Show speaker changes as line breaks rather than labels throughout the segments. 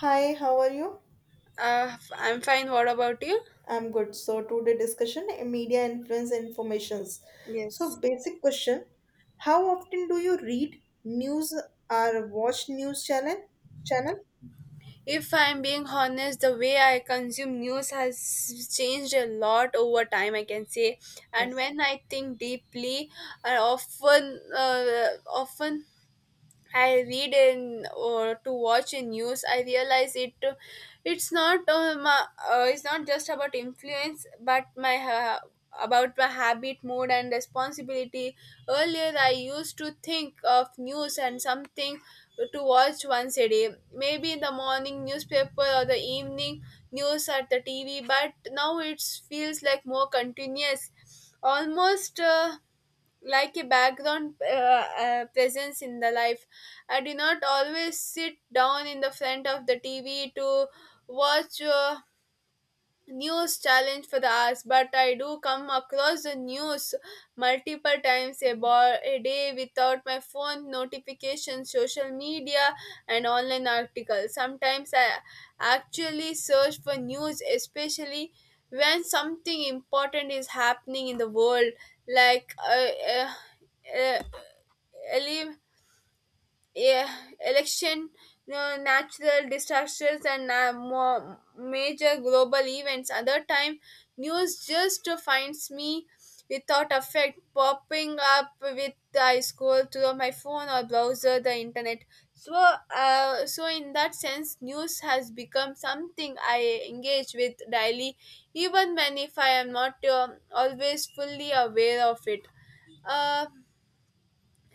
Hi, how are you?
I'm fine. What about you?
I'm good. So today discussion media influence and informations. So
Yes.
basic question, how often do you read news or watch news channel? Channel?
If I'm being honest, the way I consume news has changed a lot over time, I can say. And
Yes.
when I think deeply, I often I read in or to watch in news, I realize it. It's not um, uh, it's not just about influence, but my about my habit, mood, and responsibility. Earlier, I used to think of news and something to watch once a day, maybe in the morning newspaper or the evening news at the TV. But now it feels like more continuous, almost, like a background presence in the life. I do not always sit down in the front of the TV to watch news challenge for the hours, but I do come across the news multiple times a day without my phone notifications, social media, and online articles. Sometimes I actually search for news, especially when something important is happening in the world, like uh, uh, ele- yeah, election, natural disasters, and more major global events. Other time, news just finds me without effect, popping up with I scroll through my phone or browser the internet. So in that sense, news has become something I engage with daily, even when if I am not always fully aware of it. Uh,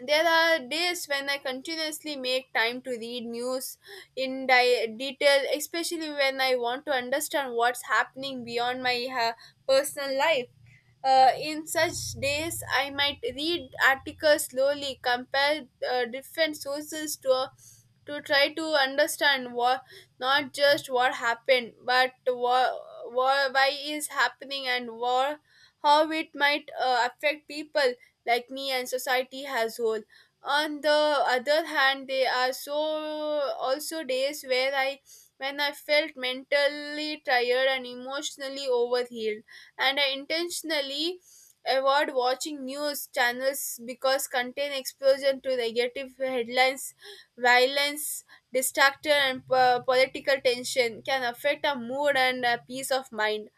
there are days when I continuously make time to read news in detail, especially when I want to understand what's happening beyond my personal life. In such days, I might read articles slowly, compare different sources to try to understand what, not just what happened, but what why is happening and what how it might affect people like me and society as whole. On the other hand, there are also days where I when I felt mentally tired and emotionally overhealed and I intentionally avoid watching news channels because contain exposure to negative headlines, violence, distraction, and political tension can affect our mood and peace of mind.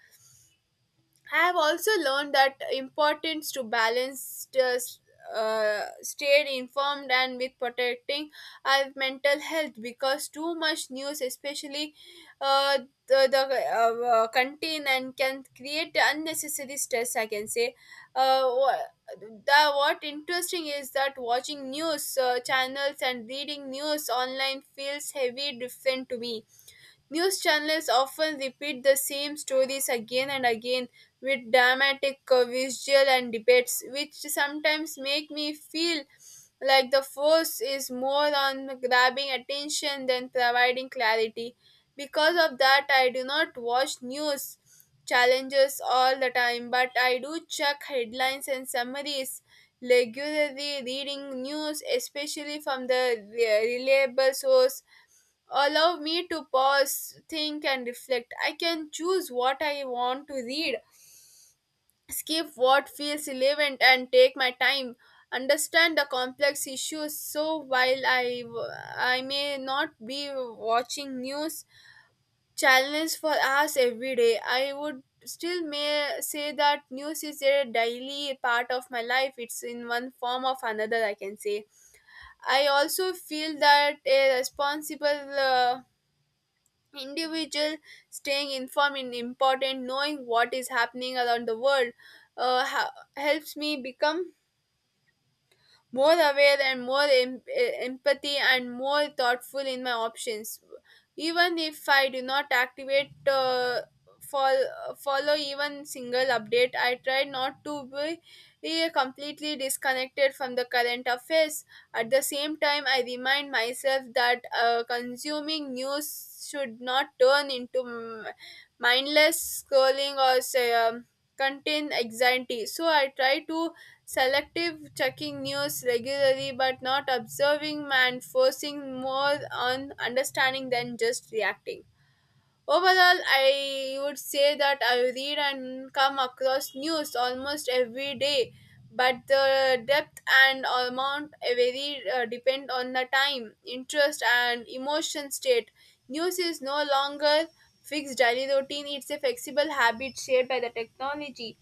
I have also learned that importance to balance just stay informed and with protecting our mental health because too much news, especially uh, the contain and can create unnecessary stress. I can say. Uh, wha- the what interesting is that watching news channels and reading news online feels heavy different to me. News channels often repeat the same stories again and again with dramatic visual and debates, which sometimes make me feel like the force is more on grabbing attention than providing clarity. Because of that, I do not watch news challenges all the time, but I do check headlines and summaries regularly. Reading news especially from the reliable source allow me to pause, think, and reflect. I can choose what I want to read, skip what feels relevant, and take my time. Understand the complex issues. So while I may not be watching news channels for hours every day, I would still may say that news is a daily part of my life, it's in one form of another, I can say. I also feel that a responsible individual staying informed is important. Knowing what is happening around the world uh, ha- helps me become more aware and more empathy and more thoughtful in my options. Even if I do not activate fol- follow even single update, I try not to be completely disconnected from the current affairs. At the same time, I remind myself that consuming news should not turn into mindless scrolling or say, contain anxiety. So I try to selective checking news regularly but not observing and forcing more on understanding than just reacting. Overall, I would say that I read and come across news almost every day, but the depth and amount vary, depend on the time, interest, and emotion state. News is no longer fixed daily routine; it's a flexible habit shaped by the technology,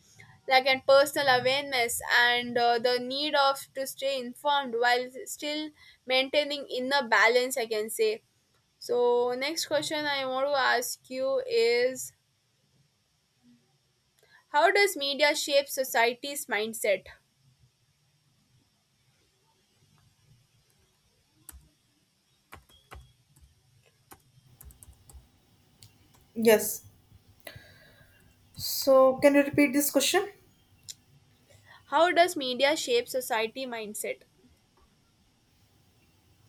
like and personal awareness and the need of to stay informed while still maintaining inner balance. I can say. So next question I want to ask you is, how does media shape society's mindset?
Yes. So can you repeat this question?
How does media shape society mindset?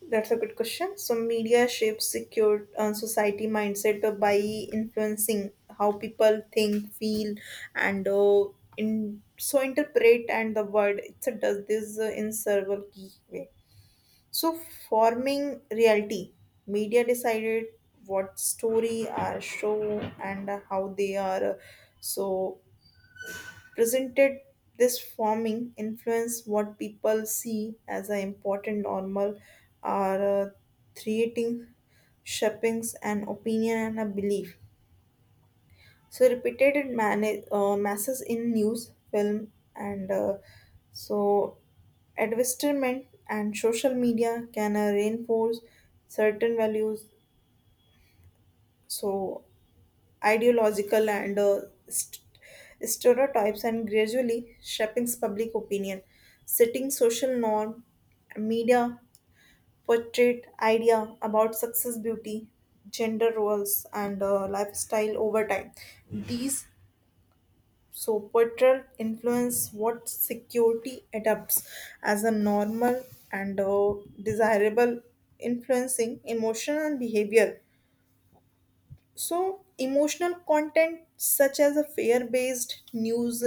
That's a good question. So, media shapes secure society mindset by influencing how people think, feel, and in so interpret and the world. It's a does this in several key way. So, forming reality, media decided what story are show and how they are. So presented this forming influence what people see as an important normal are creating shapings an opinion and a belief so repeated masses in news film and so advertisement and social media can reinforce certain values so ideological and st- stereotypes and gradually shaping public opinion, setting social norm, media portrayed idea about success, beauty, gender roles, and lifestyle over time. These so portrayal influence what security adopts as a normal and desirable, influencing emotion and behavior so, emotional content such as a fear based news,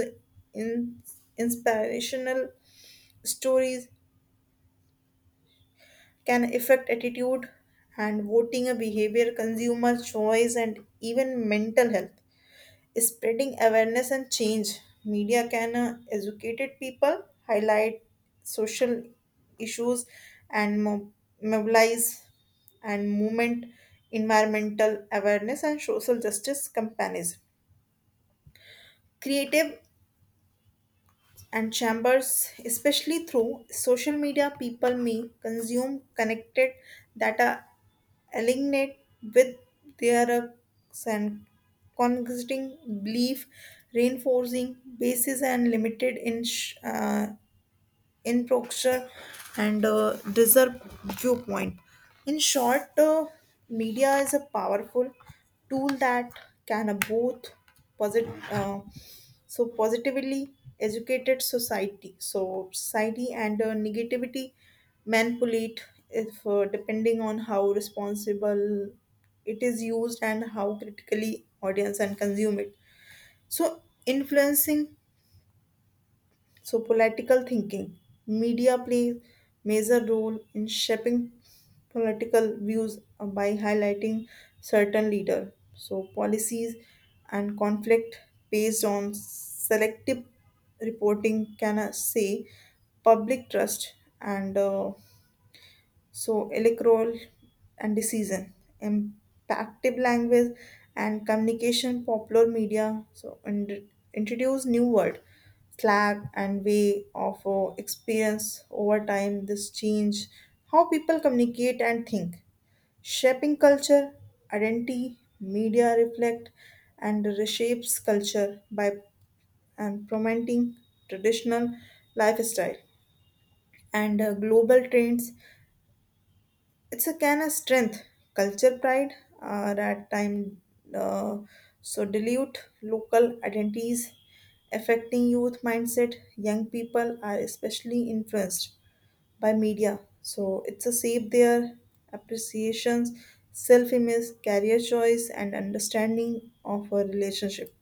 in, inspirational stories can affect attitude and voting a behavior, consumer choice, and even mental health. Spreading awareness and change, media can educate people, highlight social issues, and mobilize and movement environmental awareness and social justice campaigns. Creative and chambers especially through social media people may consume connected that are aligned with their and congregating belief reinforcing basis and limited in in Proctor and Reserve viewpoint. In short, media is a powerful tool that can both posit- uh, positively educated society, so society and negativity manipulate if depending on how responsible it is used and how critically audience and consume it. So influencing so, political thinking. Media plays major role in shaping political views by highlighting certain leader. So, policies and conflict based on selective reporting can say public trust and electoral and decision impactive language and communication popular media so and introduce new word slack and way of experience over time this change how people communicate and think shaping culture identity media reflect and reshapes culture by and promoting traditional lifestyle and global trends it's a kind of strength culture pride that time uh, dilute local identities affecting youth mindset young people are especially influenced by media so it's a shape their appreciations self-image career choice and understanding of a relationship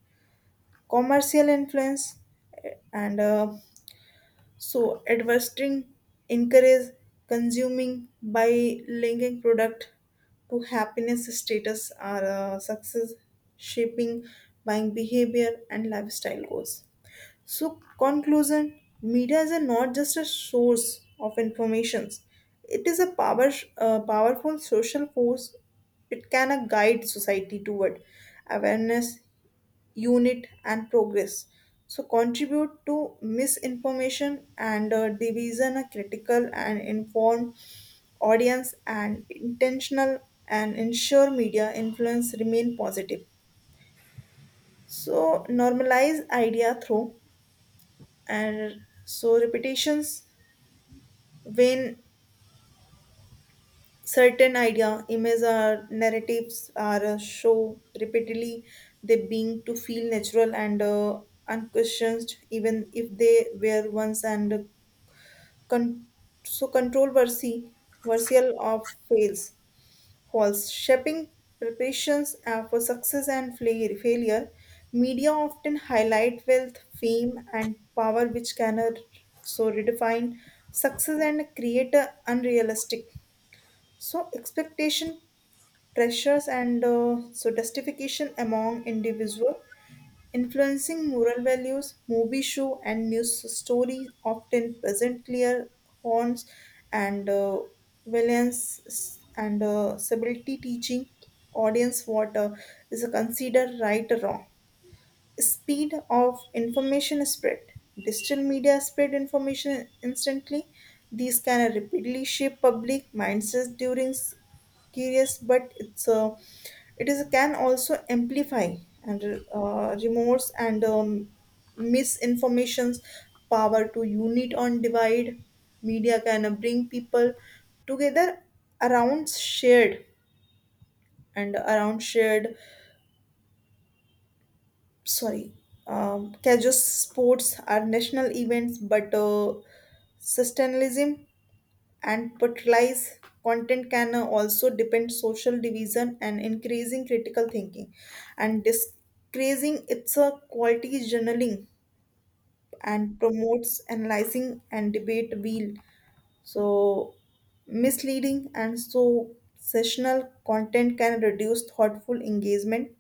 commercial influence eh, and so advertising encourages consuming by linking product to happiness, status, or success, shaping buying behavior and lifestyle goals. So conclusion: media is a not just a source of informations; it is a power, powerful social force. It can guide society toward awareness, unit and progress so contribute to misinformation and division a critical and informed audience and intentional and ensure media influence remain positive so normalize idea through and so repetitions when certain idea images or narratives are show repeatedly they being to feel natural and unquestioned even if they were once and con- so controversy versatile of fails false shaping preparations for success and failure media often highlight wealth fame and power which can redefine success and create a unrealistic so, expectation, pressures, and justification among individual influencing moral values. Movie show and news stories often present clear horns and violence and civility teaching audience what is considered right or wrong speed of information spread. Digital media spread information instantly. These can rapidly shape public mindsets during curious, but it is can also amplify and remorse and misinformation's power to unite on divide. Media can bring people together around shared and around shared sorry Kajus sports are national events but sustainalism and patronized content can also depend social division and increasing critical thinking and discreasing its quality journaling and promotes analyzing and debate wheel so misleading and so sessional content can reduce thoughtful engagement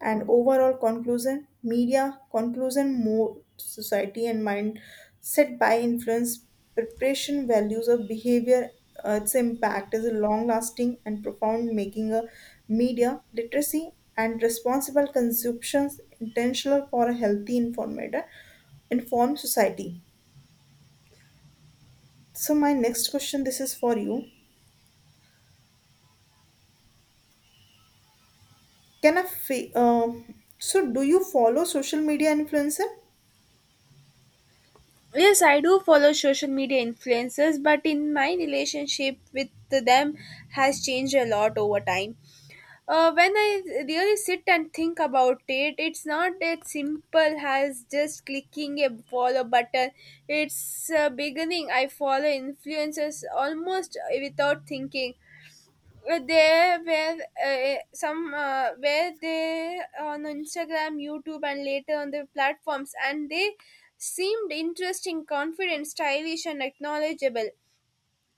and overall conclusion media conclusion more society and mind set by influence preparation values of behavior its impact is long lasting and profound making a media literacy and responsible consumptions intentional for a healthy informed society so my next question this is for you can a do you follow social media influencer
Yes, I do follow social media influencers, but in my relationship with them has changed a lot over time. When I really sit and think about it, it's not that simple as just clicking a follow button. It's Beginning, I follow influencers almost without thinking. There were some where they on Instagram, YouTube and later on the platforms and they seemed interesting, confident, stylish and acknowledgeable.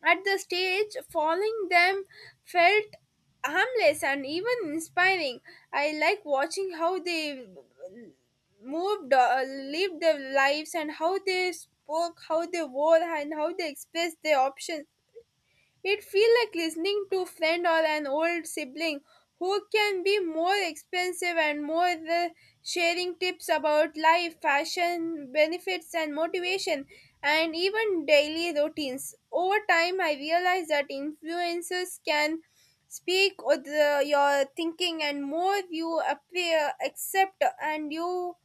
At the stage following them felt harmless and even inspiring. I like watching how they moved, lived their lives and how they spoke, how they wore and how they expressed their options. It feels like listening to a friend or an old sibling who can be more expensive and more the sharing tips about life, fashion, benefits and motivation and even daily routines. Over time I realized that influencers can speak with the your thinking and more you appear accept and you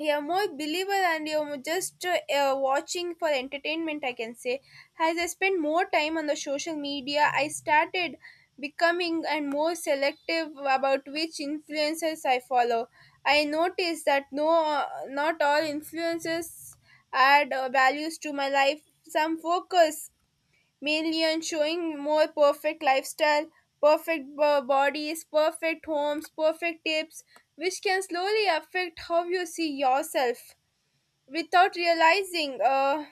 a more believer and you're just watching for entertainment, I can say. As I spend more time on the social media, I started becoming and more selective about which influencers I follow. I noticed that not all influencers add values to my life. Some focus mainly on showing more perfect lifestyle, perfect bodies, perfect homes, perfect tips, which can slowly affect how you see yourself without realizing.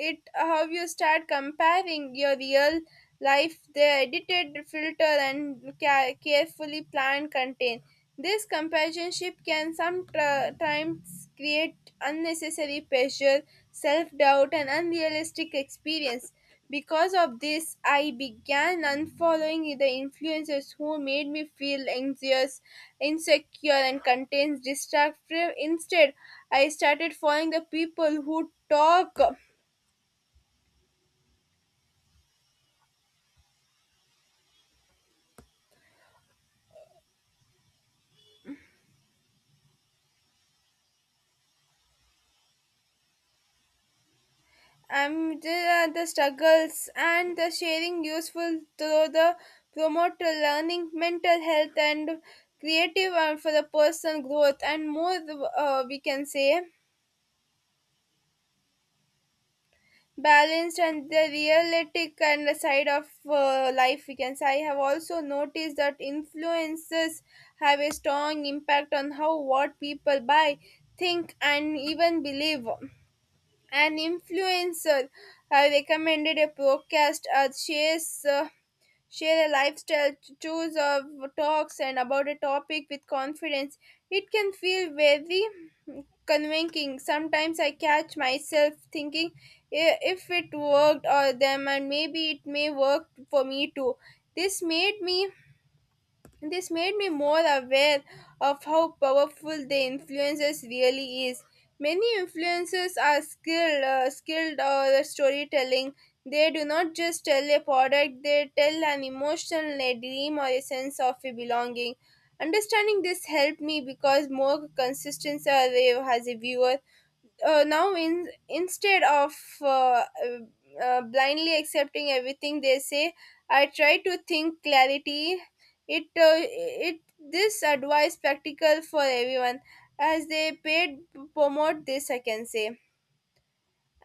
It how you start comparing your real life the edited filter and carefully planned content. This comparisonship can sometimes create unnecessary pressure, self-doubt and unrealistic experience. Because of this, I began unfollowing the influencers who made me feel anxious, insecure and contains destructive. Instead, I started following the people who talk um, the, the struggles and the sharing useful through the promote to learning mental health and creative and for the personal growth and more, we can say, balanced and the realistic and the side of life, we can say. I have also noticed that influences have a strong impact on how what people buy, think and even believe. An influencer recommended a podcast that shares share a lifestyle choose of talks and about a topic with confidence. It can feel very convincing. Sometimes I catch myself thinking, "I- if it worked or them and maybe it may work for me too. This made me this made me more aware of how powerful the influencers really is. Many influencers are skilled, skilled or storytelling. They do not just tell a product; they tell an emotion, a dream or a sense of a belonging. Understanding this helped me because more consistency I have as a viewer. Now, instead of uh, uh, blindly accepting everything they say, I try to think clarity. It uh, it this advice practical for everyone as they paid promote this, I can say.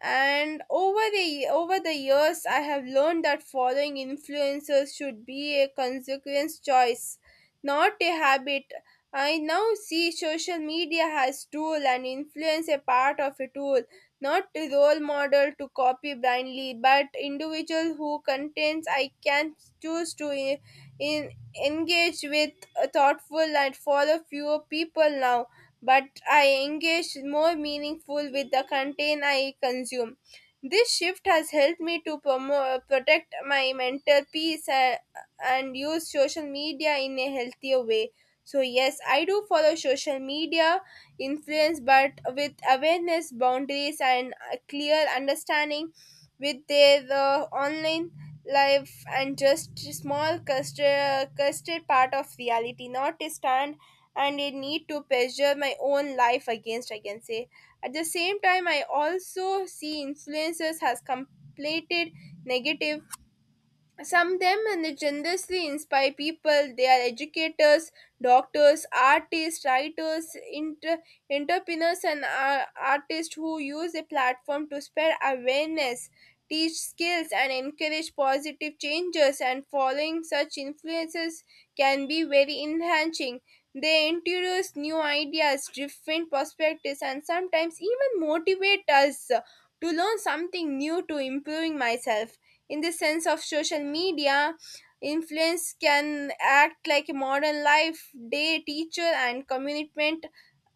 And over the years I have learned that following influencers should be a consequence choice, not a habit. I now see social media has tool and influence a part of a tool, not a role model to copy blindly but individual who contents I can choose to in engage with thoughtful and follow fewer people now, but I engage more meaningful with the content I consume. This shift has helped me to protect my mental peace and use social media in a healthier way. So yes, I do follow social media influence, but with awareness, boundaries, and a clear understanding with their online life and just small custard part of reality, not a stand and a need to measure my own life against, I can say. At the same time, I also see influencers has completed negative. Some them and they generously inspire people. They are educators, doctors, artists, writers, entrepreneurs and artists who use a platform to spread awareness, teach skills and encourage positive changes, and following such influences can be very enhancing. They introduce new ideas, different perspectives, and sometimes even motivate us to learn something new to improving myself. In the sense of social media, influence can act like a modern life day teacher and commitment,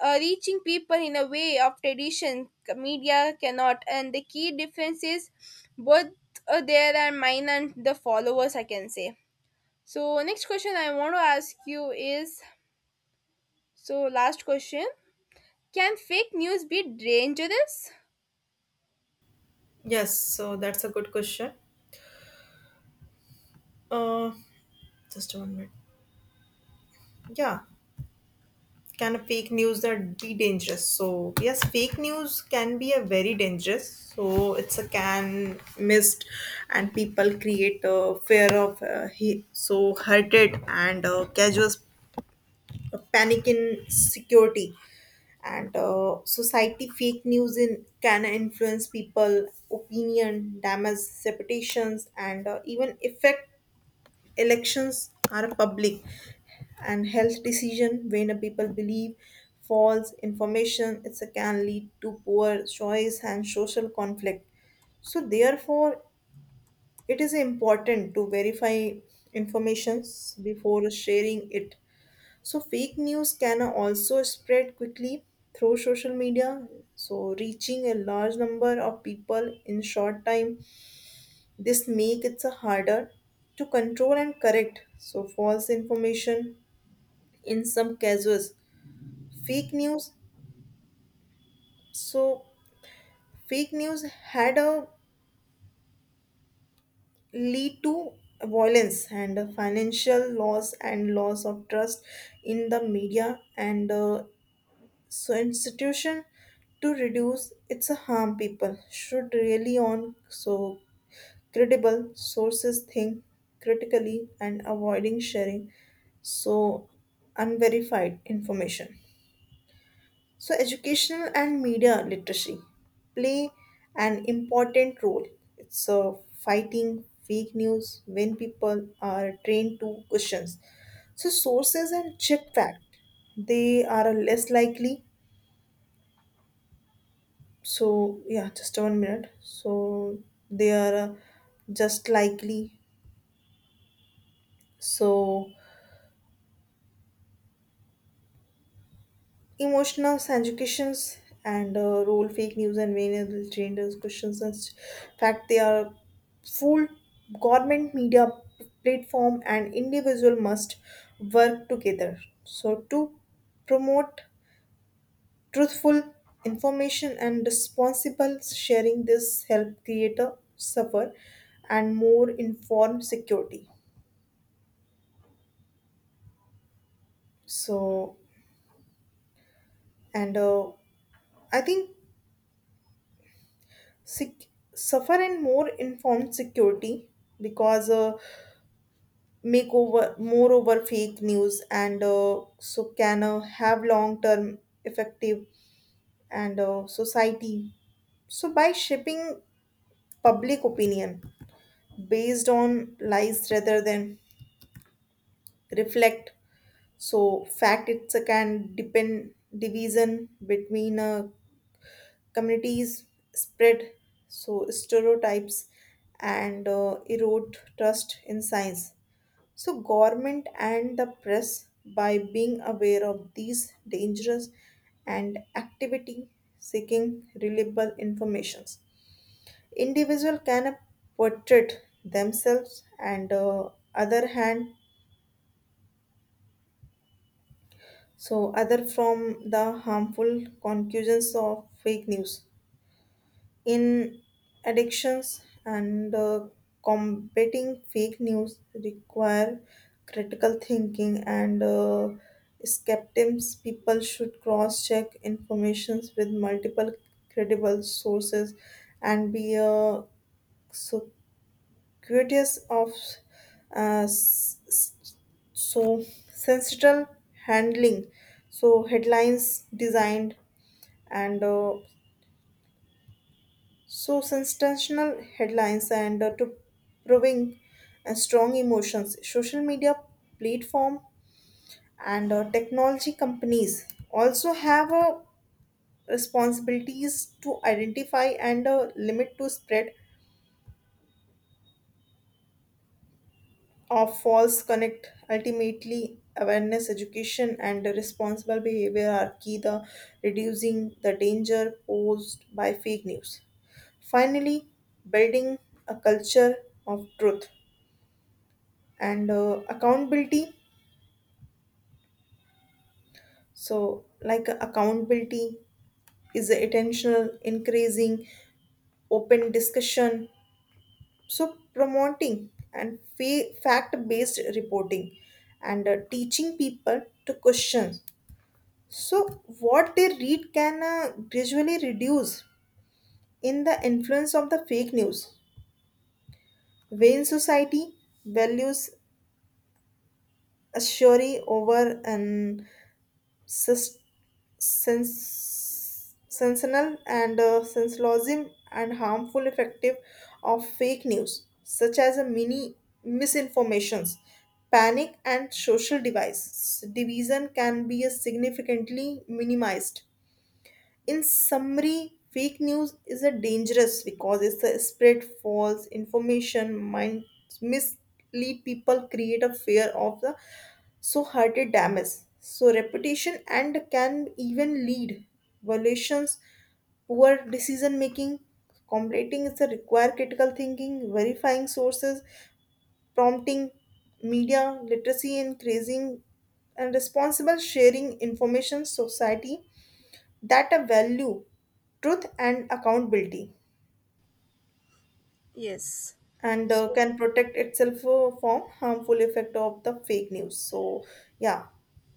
reaching people in a way of tradition media cannot. And the key difference is both, there are mine and the followers, I can say. So next question I want to ask you is, so, last question, can fake news be dangerous?
Yes, so that's a good question. Uh, Just one minute. Yeah. Can a fake news that be dangerous? So yes, fake news can be a very dangerous. So it's a can missed, and people create a fear of he so hurted and casual panic in security and society fake news in can influence people opinion damage reputations and even affect elections are public and health decision when a people believe false information it can lead to poor choice and social conflict so therefore it is important to verify informations before sharing it so fake news can also spread quickly through social media so reaching a large number of people in short time this make it harder to control and correct so false information in some cases fake news so fake news had a lead to violence and financial loss and loss of trust in the media and so institution to reduce its harm people should really on so credible sources think critically and avoiding sharing so unverified information. So, educational and media literacy play an important role. It's fighting fake news when people are trained to questions. So, sources and check fact, they are less likely. So, yeah, just one minute. So, they are just likely. So, emotional educations and role fake news and variable genders questions and fact they are full government media platform and individual must work together so to promote truthful information and responsible sharing this help creator suffer and more informed security so and I think suffer in more informed security because make over more over fake news and can have long term effective and society so by shaping public opinion based on lies rather than reflect so fact it's a can depend division between communities spread so stereotypes and erode trust in science so government and the press by being aware of these dangers and activity seeking reliable informations individual can portray themselves and other hand so other from the harmful conclusions of fake news in addictions and combating fake news require critical thinking and skeptics people should cross check informations with multiple credible sources and be so curious of uh, s- s- so sensitive handling so headlines designed and so sensational headlines and to proving strong emotions, social media platform and technology companies also have responsibilities to identify and limit to spread of false connect. Ultimately, awareness, education, and responsible behavior are key to reducing the danger posed by fake news. Finally, building a culture of truth and accountability so like accountability is intentional increasing open discussion so promoting and fact based reporting and teaching people to question so what they read can gradually reduce in the influence of the fake news when society values a theory over an sys- sensational and sensationalism and harmful effective of fake news such as a mini misinformations panic and social device division can be significantly minimized in summary, fake news is a dangerous because it's a spread false information, mind mislead people, create a fear of the so hearted damage. So reputation and can even lead violations, poor decision making, completing is a require critical thinking, verifying sources, prompting media literacy, increasing and responsible sharing information society that a value truth and accountability
Yes.
and
So
can protect itself from harmful effect of the fake news so yeah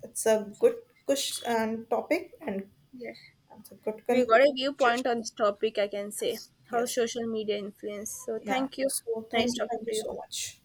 it's a good question and topic and
yeah,
it's a good
we got a viewpoint
conversation
on this topic, I can say,
yes
how
yes yes
social media influence. So
yeah
thank you.
so
Nice
thank
talking
you
to you.
so much